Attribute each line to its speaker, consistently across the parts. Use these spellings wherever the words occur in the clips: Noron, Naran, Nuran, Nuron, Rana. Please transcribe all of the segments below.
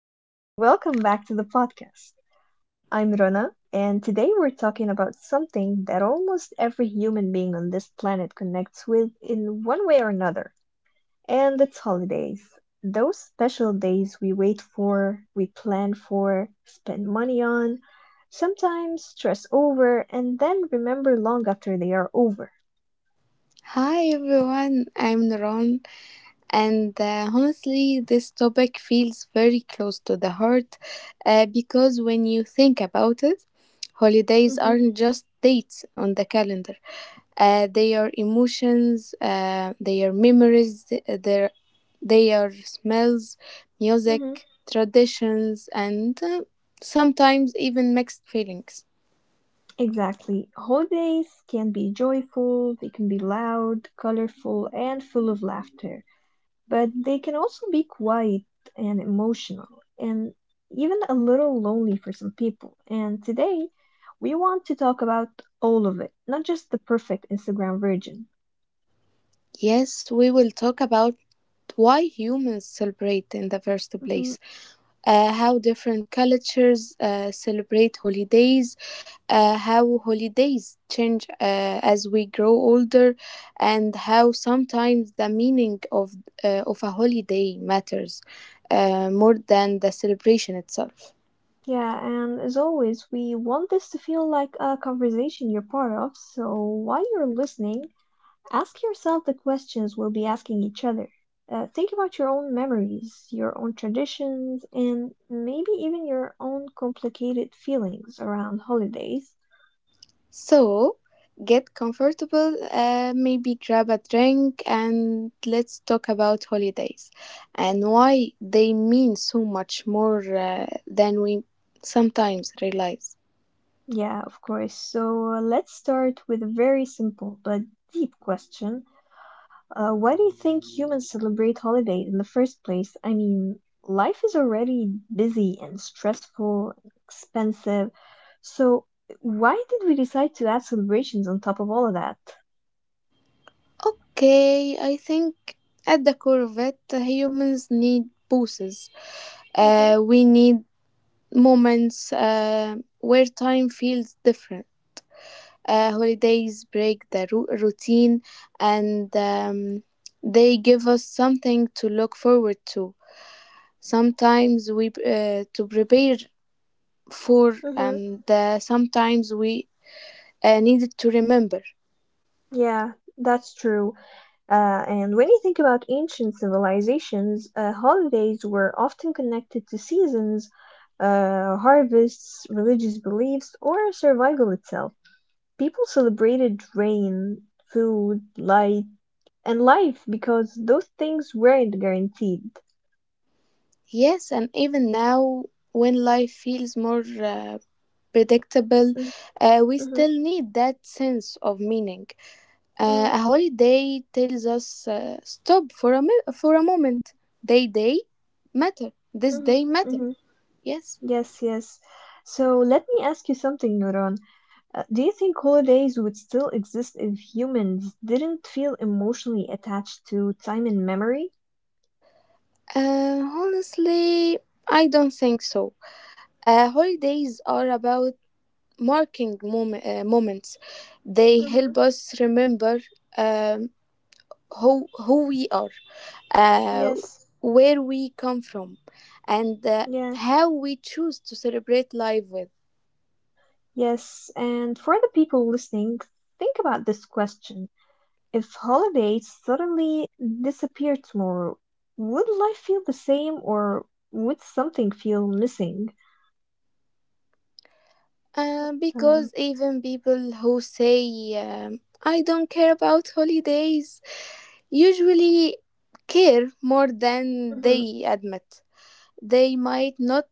Speaker 1: and welcome back to the podcast. I'm Rana, and today we're talking about something that almost every human being on this planet connects with in one way or another, and it's holidays. Those special days we wait for, we plan for, spend money on, sometimes stress over, and then remember long after they are over.
Speaker 2: Hi everyone, I'm Naran, and honestly, this topic feels very close to the heart because when you think about it, holidays
Speaker 1: Mm-hmm,
Speaker 2: aren't just dates on the calendar. They are emotions. They are memories. They are smells,
Speaker 1: mm-hmm.
Speaker 2: music, traditions, and sometimes even mixed feelings.
Speaker 1: Exactly. Holidays can be joyful, they can be loud, colorful, and full of laughter, but they can also be quiet and emotional, and even a little lonely for some people. And today, we want to talk about all of it, not just the perfect Instagram version.
Speaker 2: Yes, we will talk about why humans celebrate in the first place, how different cultures celebrate holidays, how holidays change as we grow older, and how sometimes the meaning of a holiday matters more than the celebration itself.
Speaker 1: Yeah, and as always, we want this to feel like a conversation you're part of, so while you're listening, ask yourself the questions we'll be asking each other. Think about your own memories, your own traditions, and maybe even your own complicated feelings around holidays.
Speaker 2: So, get comfortable, maybe grab a drink, and let's talk about holidays and why they mean so much more than we sometimes realize.
Speaker 1: Yeah, of course. So let's start with a very simple but deep question. Why do you think humans celebrate holidays in the first place? I mean, life is already busy and stressful, expensive. So why did we decide to add celebrations on top of all of that?
Speaker 2: Okay, I think at the core of it, humans need pauses.
Speaker 1: Mhm.
Speaker 2: We need moments where time feels different. Holidays break the routine, and they give us something to look forward to. Sometimes we to prepare for,
Speaker 1: Mhm.
Speaker 2: and sometimes we needed to remember.
Speaker 1: Yeah, that's true. And when you think about ancient civilizations, holidays were often connected to seasons, harvests, religious beliefs, or survival itself. People celebrated rain, food, light and life because those things weren't guaranteed.
Speaker 2: Yes, and even now, when life feels more uh, predictable,
Speaker 1: Mm,
Speaker 2: we
Speaker 1: mhm,
Speaker 2: still need that sense of meaning.
Speaker 1: mhm,
Speaker 2: A holiday tells us stop for a moment. They day matter. This
Speaker 1: mhm,
Speaker 2: day matter.
Speaker 1: mhm.
Speaker 2: Yes.
Speaker 1: Yes, yes. So let me ask you something, Nuran. Do you think holidays would still exist if humans didn't feel emotionally attached to time and memory?
Speaker 2: Honestly, I don't think so. Holidays are about marking moments. They help
Speaker 1: Hmm.
Speaker 2: us remember um who we are, uh,
Speaker 1: Yes,
Speaker 2: where we come from, and
Speaker 1: yeah,
Speaker 2: how we choose to celebrate life with.
Speaker 1: yes. And for the people listening, think about this question. If holidays suddenly disappeared tomorrow, would life feel the same or would something feel missing? Uh,
Speaker 2: Because even people who say I don't care about holidays usually care more than
Speaker 1: mhm.
Speaker 2: they admit. They might not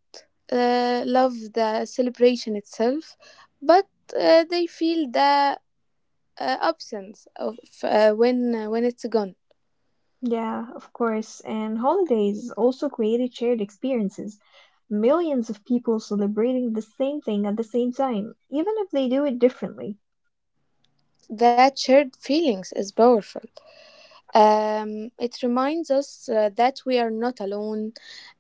Speaker 2: love the celebration itself, but they feel the absence of when it's gone.
Speaker 1: Yeah, of course. And holidays also created shared experiences. Millions of people celebrating the same thing at the same time, even if they do it differently.
Speaker 2: That shared feelings is powerful. It reminds us that we are not alone,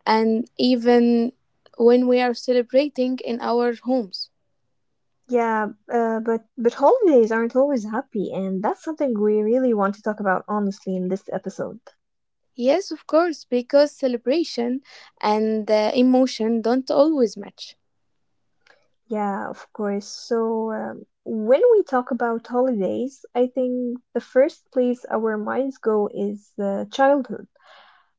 Speaker 2: and even when we are celebrating in our homes.
Speaker 1: Yeah, but holidays aren't always happy, and that's something we really want to talk about honestly in this episode.
Speaker 2: Yes, of course, because celebration and emotion don't always match.
Speaker 1: Yeah, of course. So, when we talk about holidays, I think the first place our minds go is childhood.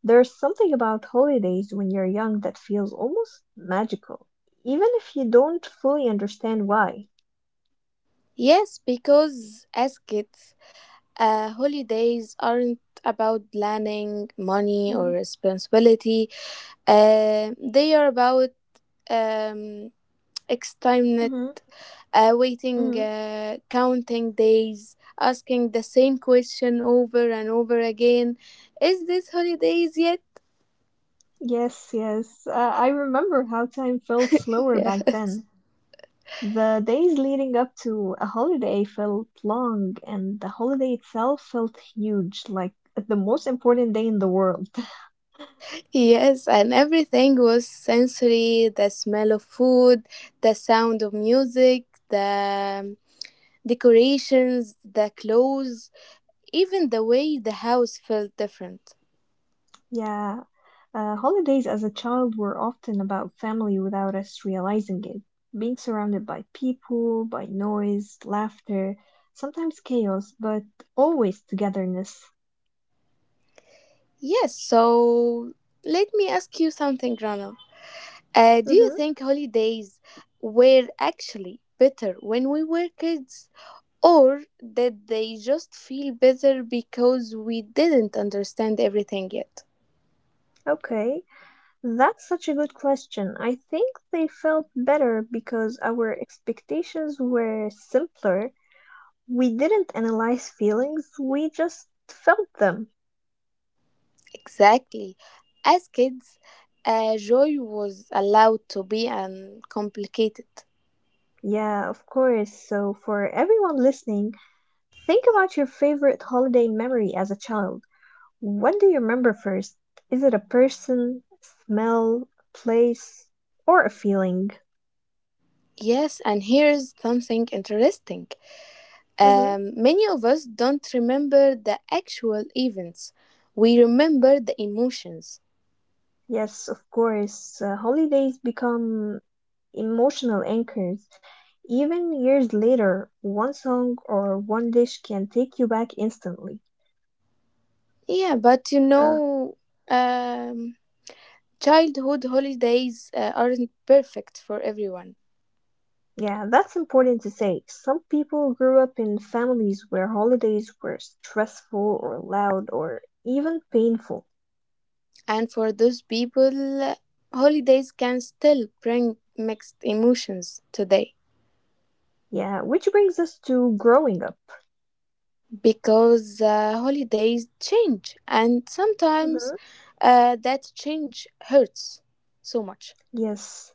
Speaker 1: There's something about holidays when you're young that feels almost magical, even if you don't fully understand why.
Speaker 2: Yes, because as kids, holidays aren't about planning, money, or
Speaker 1: Mhm,
Speaker 2: responsibility. They are about um, X
Speaker 1: mhm,
Speaker 2: waiting,
Speaker 1: mhm.
Speaker 2: counting days, asking the same question over and over again. Is this holidays yet?
Speaker 1: Yes, yes. I remember how time felt slower back
Speaker 2: Yes.
Speaker 1: then. The days leading up to a holiday felt long, and the holiday itself felt huge, like the most important day in the world.
Speaker 2: Yes, and everything was sensory: the smell of food, the sound of music, the decorations, the clothes, even the way the house felt different.
Speaker 1: Yeah, holidays as a child were often about family without us realizing it. Being surrounded by people, by noise, laughter, sometimes chaos, but always togetherness.
Speaker 2: Yes, so let me ask you something, Rana. Do you
Speaker 1: Mm-hmm.
Speaker 2: think holidays were actually better when we were kids? Or did they just feel better because we didn't understand everything yet?
Speaker 1: Okay, that's such a good question. I think they felt better because our expectations were simpler. We didn't analyze feelings, we just felt them.
Speaker 2: Exactly. As kids, joy was allowed to be uncomplicated.
Speaker 1: Yeah, of course. So, for everyone listening, think about your favorite holiday memory as a child. What do you remember first? Is it a person, smell, place, or a feeling?
Speaker 2: Yes, and here's something interesting.
Speaker 1: Hmm.
Speaker 2: Um, Many of us don't remember the actual events, we remember the emotions.
Speaker 1: Yes, of course. Holidays become emotional anchors. Even years later, one song or one dish can take you back instantly.
Speaker 2: Yeah, but you
Speaker 1: Uh,
Speaker 2: know, um, childhood holidays aren't perfect for everyone.
Speaker 1: Yeah, that's important to say. Some people grew up in families where holidays were stressful or loud or even painful.
Speaker 2: And for those people, holidays can still bring mixed emotions today
Speaker 1: Yeah, which brings us to growing up.
Speaker 2: because holidays change, and sometimes
Speaker 1: Hmm.
Speaker 2: that change hurts so much.
Speaker 1: Yes,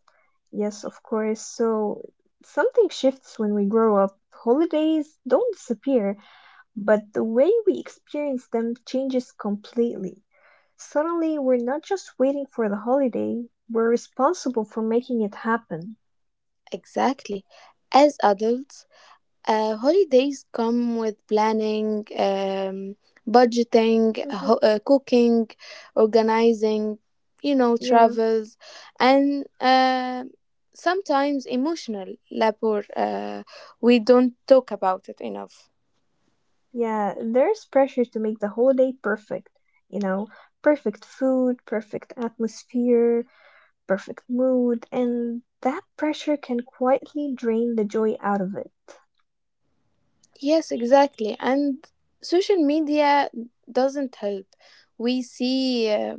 Speaker 1: yes, of course. So something shifts when we grow up. Holidays don't disappear, but the way we experience them changes completely. Suddenly, we're not just waiting for the holiday, we're responsible for making it happen.
Speaker 2: Exactly. As adults, holidays come with planning, budgeting,
Speaker 1: Hmm.
Speaker 2: cooking, organizing, you know,
Speaker 1: Yeah.
Speaker 2: travels, and sometimes emotional labor. We don't talk about it enough.
Speaker 1: Yeah, there's pressure to make the holiday perfect. You know, perfect food, perfect atmosphere, perfect mood, and that pressure can quietly drain the joy out of it.
Speaker 2: Yes, exactly. And social media doesn't help. We see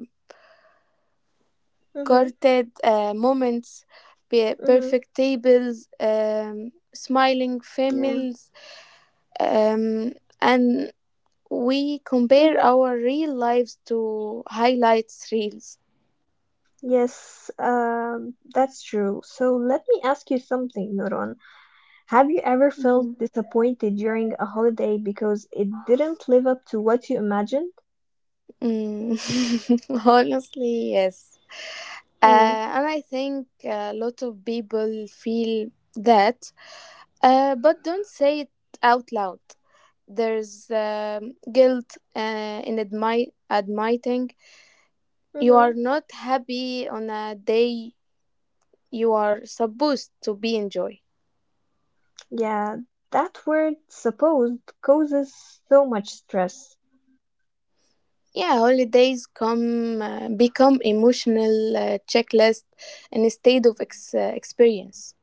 Speaker 1: Mhm,
Speaker 2: curated moments,
Speaker 1: mhm,
Speaker 2: perfect tables, smiling
Speaker 1: yeah,
Speaker 2: families um, and we compare
Speaker 1: mhm.
Speaker 2: our real lives to highlights reels.
Speaker 1: Yes, that's true. So let me ask you something, Nuron. Have you ever felt
Speaker 2: Mhm.
Speaker 1: disappointed during a holiday because it didn't live up to what you imagined?
Speaker 2: Mm, honestly, yes.
Speaker 1: Mm,
Speaker 2: And I think a lot of people feel that, but don't say it out loud. There's guilt in admitting you
Speaker 1: mhm.
Speaker 2: are not happy on a day you are supposed to be enjoy.
Speaker 1: Yeah, that word supposed causes so much stress.
Speaker 2: Yeah, holidays come become emotional checklist instead of experience.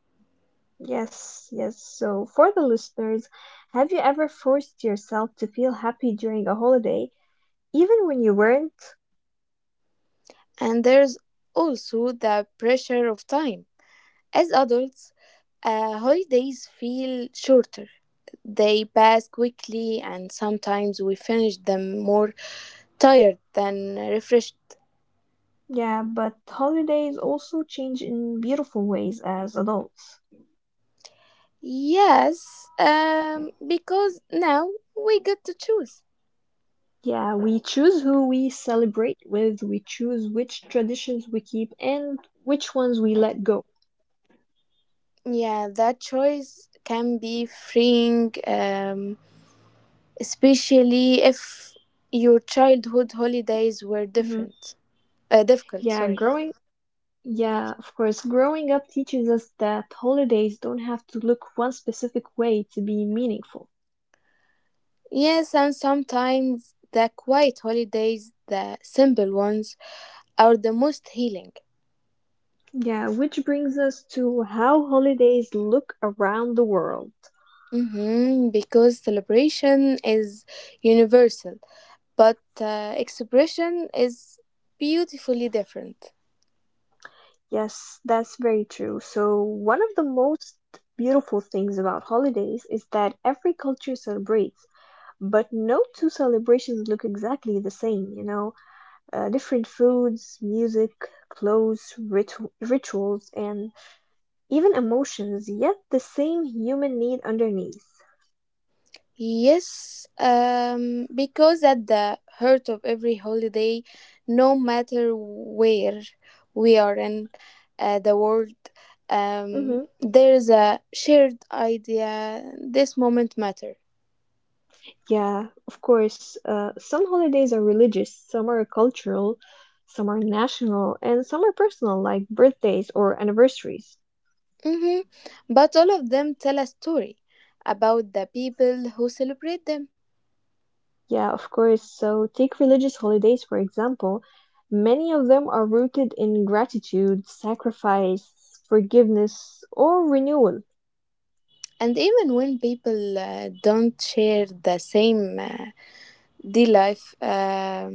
Speaker 1: Yes, yes. So, for the listeners, have you ever forced yourself to feel happy during a holiday, even when you weren't?
Speaker 2: And there's also the pressure of time. As adults, holidays feel shorter. They pass quickly, and sometimes we finish them more tired than refreshed.
Speaker 1: Yeah, but holidays also change in beautiful ways as adults.
Speaker 2: Yes, because now we get to choose.
Speaker 1: Yeah, we choose who we celebrate with, we choose which traditions we keep, and which ones we let go.
Speaker 2: Yeah, that choice can be freeing. Especially if your childhood holidays were
Speaker 1: Hmm.
Speaker 2: different difficult,
Speaker 1: Yeah,
Speaker 2: sorry.
Speaker 1: yeah, of course, growing up teaches us that holidays don't have to look one specific way to be meaningful.
Speaker 2: Yes, and sometimes the quiet holidays, the simple ones, are the most healing.
Speaker 1: Yeah, which brings us to how holidays look around the world.
Speaker 2: Hmm, because celebration is universal, but expression is beautifully different.
Speaker 1: Yes, that's very true. So, one of the most beautiful things about holidays is that every culture celebrates, but no two celebrations look exactly the same. Different foods, music, clothes, rituals, and even emotions, yet the same human need underneath.
Speaker 2: Yes, because at the heart of every holiday, no matter where we are in the world,
Speaker 1: Hmm.
Speaker 2: there is a shared idea: this moment matter.
Speaker 1: Yeah, of course. Some holidays are religious, some are cultural, some are national, and some are personal, like birthdays or anniversaries.
Speaker 2: Hmm. But all of them tell a story about the people who celebrate them.
Speaker 1: Yeah, of course. So, take religious holidays, for example. Many of them are rooted in gratitude, sacrifice, forgiveness, or renewal.
Speaker 2: And even when people don't share the same day life,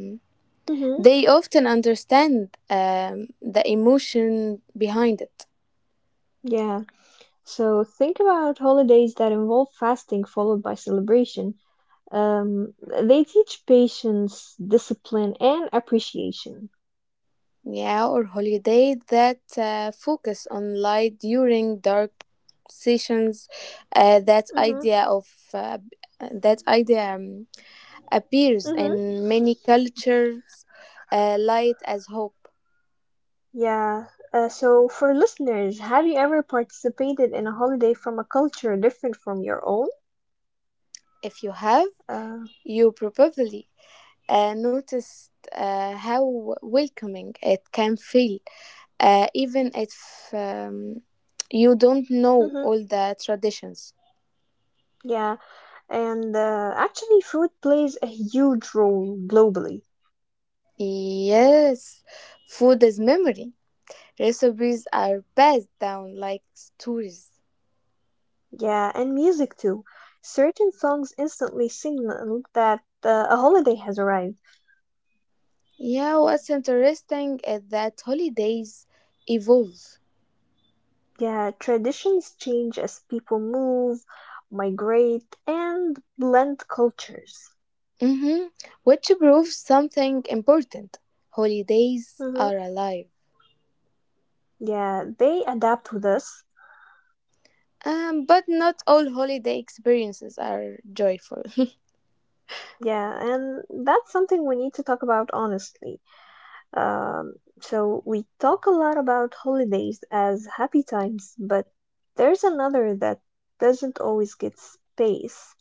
Speaker 1: Hmm.
Speaker 2: they often understand the emotion behind it.
Speaker 1: Yeah. So, think about holidays that involve fasting followed by celebration. Um, they teach patience, discipline, and appreciation.
Speaker 2: Yeah, or holiday that focus on light during dark sessions. Uh, that
Speaker 1: Hmm.
Speaker 2: idea of uh, that idea appears
Speaker 1: Hmm.
Speaker 2: in many cultures. Light as hope.
Speaker 1: Yeah. So, for listeners, have you ever participated in a holiday from a culture different from your own?
Speaker 2: If you have,
Speaker 1: Uh,
Speaker 2: you probably noticed how welcoming it can feel, even if you don't know
Speaker 1: mhm.
Speaker 2: all the traditions.
Speaker 1: Yeah. And actually, food plays a huge role globally.
Speaker 2: Yes, food is memory. Recipes are passed down like stories.
Speaker 1: Yeah, and music too. Certain songs instantly signal that a holiday has arrived.
Speaker 2: Yeah, what's interesting is that holidays evolve,
Speaker 1: Yeah, traditions change as people move, migrate, and blend cultures.
Speaker 2: hmm, which proves something important. Holidays
Speaker 1: Hmm.
Speaker 2: are alive.
Speaker 1: Yeah, they adapt with us.
Speaker 2: But not all holiday experiences are joyful.
Speaker 1: Yeah, and that's something we need to talk about honestly. Um, so we talk a lot about holidays as happy times, but there's another that doesn't always get space.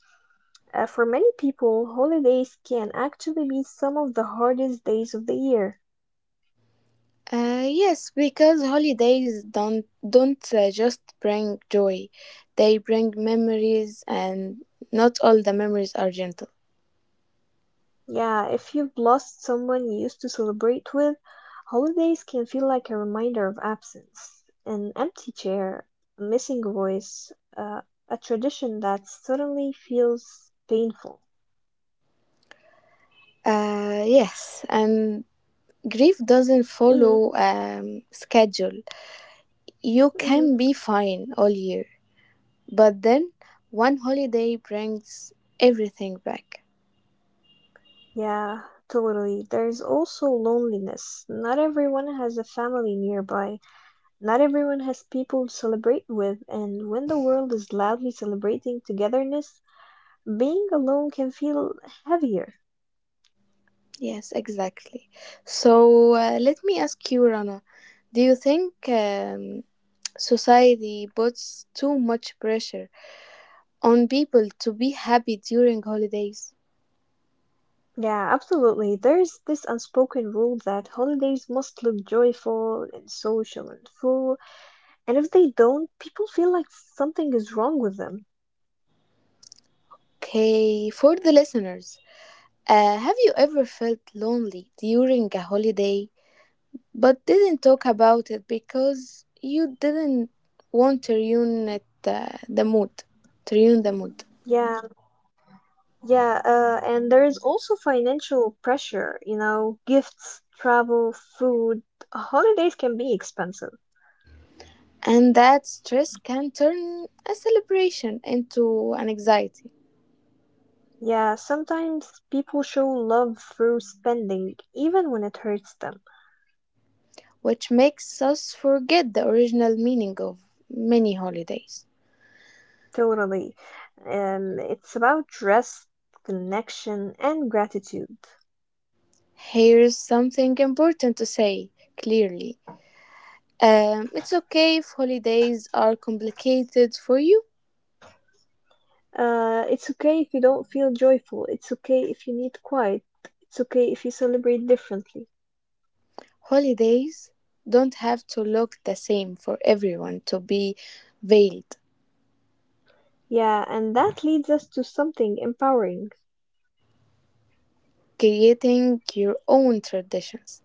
Speaker 1: For many people, holidays can actually be some of the hardest days of the year.
Speaker 2: Yes, because holidays don't just bring joy; they bring memories, and not all the memories are gentle.
Speaker 1: Yeah, if you've lost someone you used to celebrate with, holidays can feel like a reminder of absence, an empty chair, a missing voice, uh, a tradition that suddenly feels painful.
Speaker 2: Yes, and grief doesn't
Speaker 1: Mm-hmm,
Speaker 2: follow schedule. You
Speaker 1: mm-hmm.
Speaker 2: can be fine all year, but then one holiday brings everything back.
Speaker 1: Yeah, totally. There's also loneliness. Not everyone has a family nearby. Not everyone has people to celebrate with. And when the world is loudly celebrating togetherness, being alone can feel heavier.
Speaker 2: Yes, exactly. So let me ask you, Rana, do you think society puts too much pressure on people to be happy during holidays.
Speaker 1: Yeah, absolutely. There's this unspoken rule that holidays must look joyful and social and full. And if they don't, people feel like something is wrong with them.
Speaker 2: Okay, for the listeners, have you ever felt lonely during a holiday but didn't talk about it because you didn't want to ruin it, the mood? To ruin the mood?
Speaker 1: Yeah, yeah, and there is also financial pressure, gifts, travel, food. Holidays can be expensive.
Speaker 2: And that stress can turn a celebration into an anxiety,
Speaker 1: Yeah, sometimes people show love through spending, even when it hurts them.
Speaker 2: which makes us forget the original meaning of many holidays.
Speaker 1: Totally. It's about trust, connection, and gratitude.
Speaker 2: Here's something important to say clearly. It's okay if holidays are complicated for you.
Speaker 1: It's okay if you don't feel joyful. It's okay if you need quiet. It's okay if you celebrate differently.
Speaker 2: Holidays don't have to look the same for everyone to be veiled,
Speaker 1: Yeah, and that leads us to something empowering.
Speaker 2: creating your own traditions.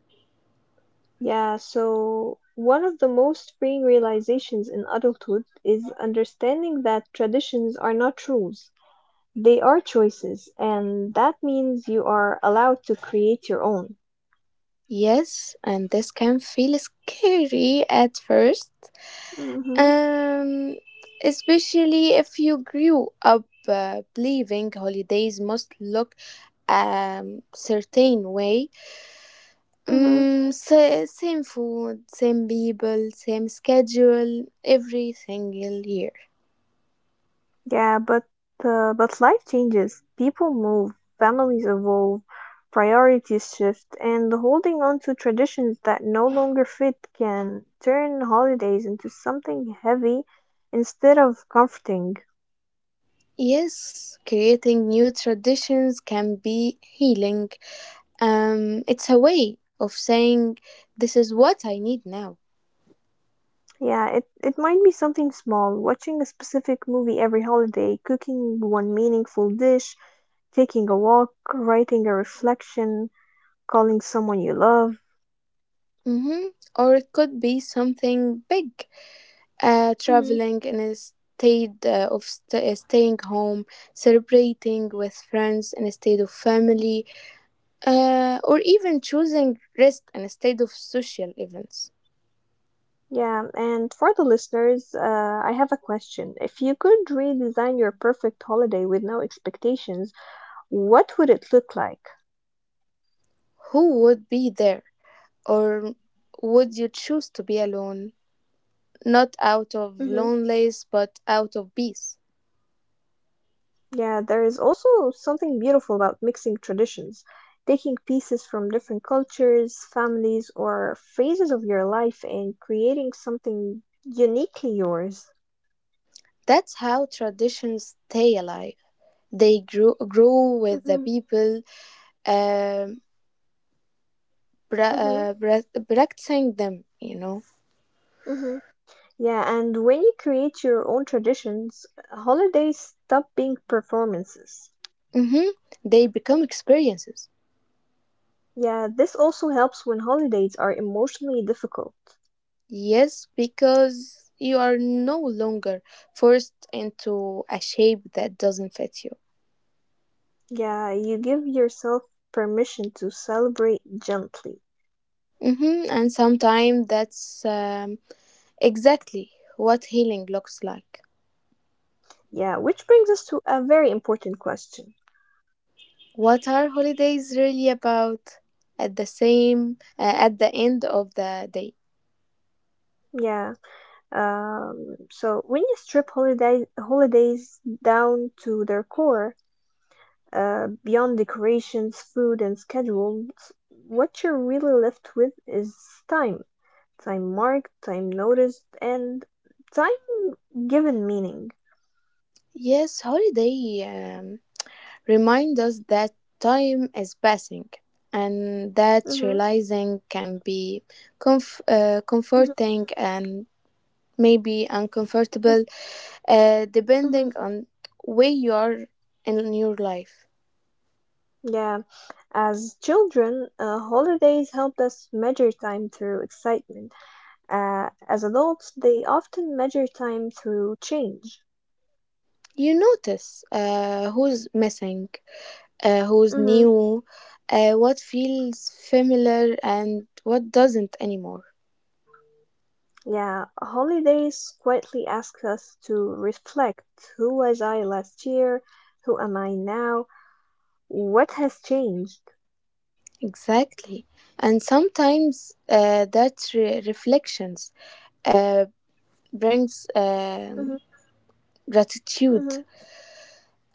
Speaker 1: Yeah, so one of the most freeing realizations in adulthood is understanding that traditions are not rules. They are choices, and that means you are allowed to create your own.
Speaker 2: Yes, and this can feel scary at first,
Speaker 1: Mm-hmm,
Speaker 2: um, especially if you grew up believing holidays must look a certain way.
Speaker 1: mm-hmm.
Speaker 2: Mm, same food, same people, same schedule every single year.
Speaker 1: Yeah, but life changes. People move, families evolve, priorities shift, and holding on to traditions that no longer fit can turn holidays into something heavy instead of comforting.
Speaker 2: Yes, creating new traditions can be healing. It's a way of saying this is what I need now.
Speaker 1: Yeah, it might be something small, watching a specific movie every holiday, cooking one meaningful dish, taking a walk, writing a reflection, calling someone you love.
Speaker 2: Mm-hmm. Or it could be something big.
Speaker 1: Hmm.
Speaker 2: Traveling instead of staying home, celebrating with friends instead of family, or even choosing rest instead of social events.
Speaker 1: Yeah, and for the listeners, I have a question. If you could redesign your perfect holiday with no expectations, what would it look like?
Speaker 2: Who would be there? Or would you choose to be alone, not out of loneliness, but out of peace?
Speaker 1: Yeah, there is also something beautiful about mixing traditions, taking pieces from different cultures, families, or phases of your life and creating something uniquely yours.
Speaker 2: That's how traditions stay alive. They grow with the
Speaker 1: Hmm.
Speaker 2: people um
Speaker 1: Hmm.
Speaker 2: practicing them, you know.
Speaker 1: Hmm. Yeah, and when you create your own traditions, holidays stop being performances.
Speaker 2: Hmm. They become experiences.
Speaker 1: Yeah, this also helps when holidays are emotionally difficult.
Speaker 2: Yes, because you are no longer forced into a shape that doesn't fit you.
Speaker 1: Yeah, you give yourself permission to celebrate gently.
Speaker 2: Hmm. And sometimes that's exactly what healing looks like.
Speaker 1: Yeah, which brings us to a very important question.
Speaker 2: What are holidays really about at the same, uh, at the end of the day?
Speaker 1: Yeah. So when you strip holidays down to their core, beyond decorations, food, and schedules, what you're really left with is time. Time marked, time noticed, and time given meaning.
Speaker 2: Yes, holiday um, remind us that time is passing, and that
Speaker 1: Hmm.
Speaker 2: realizing can be
Speaker 1: Hmm.
Speaker 2: comforting and maybe uncomfortable, depending
Speaker 1: Hmm.
Speaker 2: on where you are in your life.
Speaker 1: Yeah. As children, holidays helped us measure time through excitement. As adults, they often measure time through change.
Speaker 2: You notice who's missing, who's
Speaker 1: Hmm.
Speaker 2: new, what feels familiar and what doesn't anymore.
Speaker 1: Yeah, holidays quietly ask us to reflect. Who was I last year? Who am I now? What has changed?
Speaker 2: Exactly, and sometimes that reflections uh, brings
Speaker 1: Hmm.
Speaker 2: gratitude,
Speaker 1: Hmm.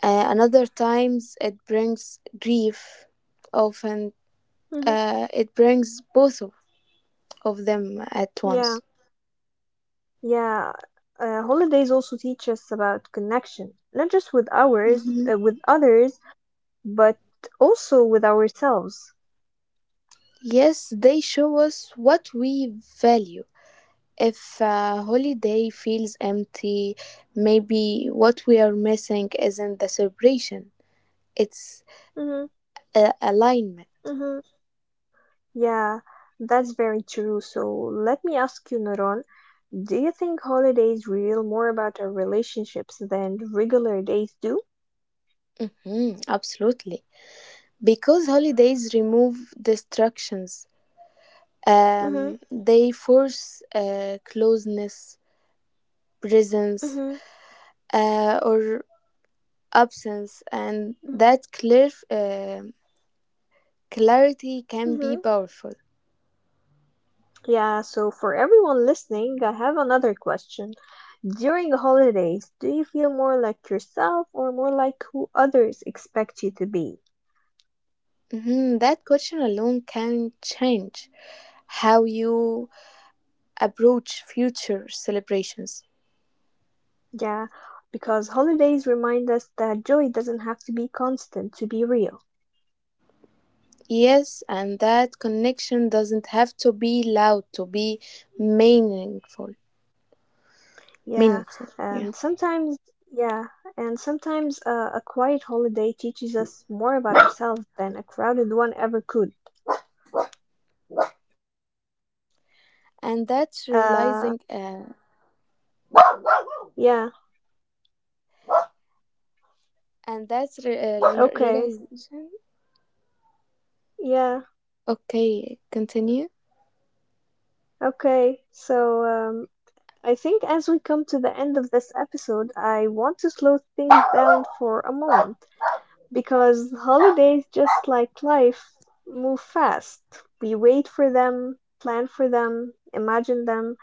Speaker 2: another times it brings grief, often
Speaker 1: Hmm.
Speaker 2: it brings both of them at
Speaker 1: Yeah,
Speaker 2: once.
Speaker 1: yeah. Holidays also teach us about connection, not just with ours,
Speaker 2: Hmm.
Speaker 1: with others, but also with ourselves.
Speaker 2: Yes, they show us what we value. If a holiday feels empty, maybe what we are missing isn't the celebration, it's
Speaker 1: Hmm.
Speaker 2: alignment.
Speaker 1: Hmm. Yeah, that's very true. So let me ask you, Noron. Do you think holidays reveal more about our relationships than regular days do?
Speaker 2: Mm, absolutely. Because holidays remove distractions,
Speaker 1: Mm-hmm,
Speaker 2: um, they force closeness, presence,
Speaker 1: mm-hmm,
Speaker 2: or absence, and that clarity can be
Speaker 1: mm-hmm.
Speaker 2: powerful.
Speaker 1: Yeah, so for everyone listening, I have another question. During the holidays, do you feel more like yourself or more like who others expect you to be?
Speaker 2: Mhm. That question alone can change how you approach future celebrations.
Speaker 1: Yeah, because holidays remind us that joy doesn't have to be constant to be real.
Speaker 2: Yes, and that connection doesn't have to be loud to be meaningful.
Speaker 1: Yeah,
Speaker 2: Meaningful, yeah.
Speaker 1: and sometimes, yeah, and sometimes a quiet holiday teaches us more about ourselves than a crowded one ever could.
Speaker 2: And that's realizing,
Speaker 1: Uh,
Speaker 2: uh,
Speaker 1: yeah,
Speaker 2: and that's
Speaker 1: okay,
Speaker 2: realization.
Speaker 1: yeah,
Speaker 2: Okay, continue.
Speaker 1: okay. So, I think as we come to the end of this episode, I want to slow things down for a moment. Because holidays, just like life, move fast. We wait for them, plan for them, imagine them,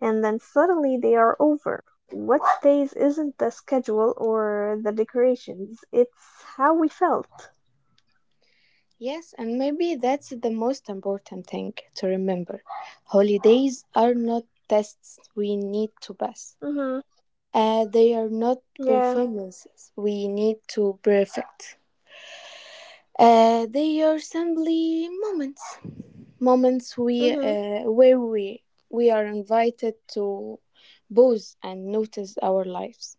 Speaker 1: and then suddenly they are over. What stays isn't the schedule or the decorations, it's how we felt.
Speaker 2: Yes, and maybe that's the most important thing to remember. Holidays are not tests we need to pass.
Speaker 1: Mhm.
Speaker 2: They are not
Speaker 1: Yeah.
Speaker 2: performances we need to perfect. They are simply moments, moments we
Speaker 1: Mhm.
Speaker 2: where we are invited to pause and notice our lives.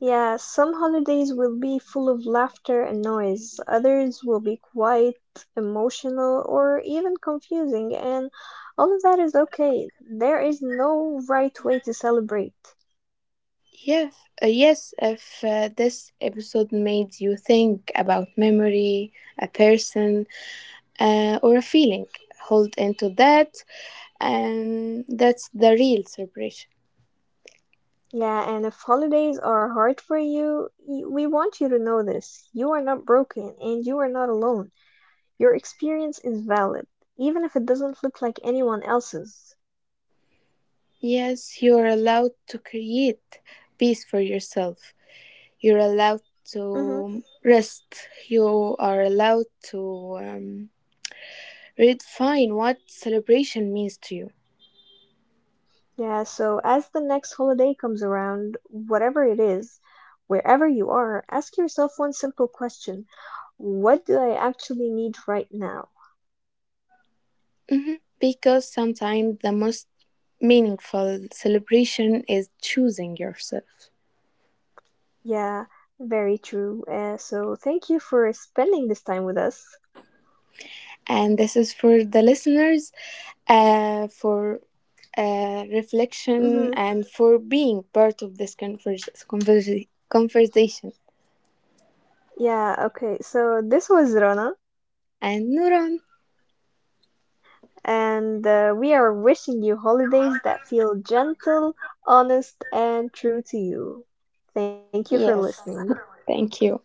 Speaker 1: Yeah, some holidays will be full of laughter and noise, others will be quite emotional or even confusing, and all of that is okay. There is no right way to celebrate.
Speaker 2: Yes, yes. If this episode made you think about memory, a person, or a feeling, hold into that, and that's the real celebration.
Speaker 1: Yeah, and if holidays are hard for you, we want you to know this. You are not broken and you are not alone. Your experience is valid, even if it doesn't look like anyone else's.
Speaker 2: Yes, you're allowed to create peace for yourself. You're allowed
Speaker 1: Hmm.
Speaker 2: to rest. You are allowed to um, redefine what celebration means to you.
Speaker 1: Yeah, so as the next holiday comes around, whatever it is, wherever you are, ask yourself one simple question. What do I actually need right now?
Speaker 2: Mhm. Because sometimes the most meaningful celebration is choosing yourself.
Speaker 1: Yeah, very true. So thank you for spending this time with us.
Speaker 2: And this is for the listeners, for reflection
Speaker 1: Hmm.
Speaker 2: and for being part of this conversation.
Speaker 1: Yeah, okay. So this was Rona,
Speaker 2: And Nuran,
Speaker 1: and we are wishing you holidays that feel gentle, honest, and true to you. Thank you for
Speaker 2: yes,
Speaker 1: listening.
Speaker 2: thank you.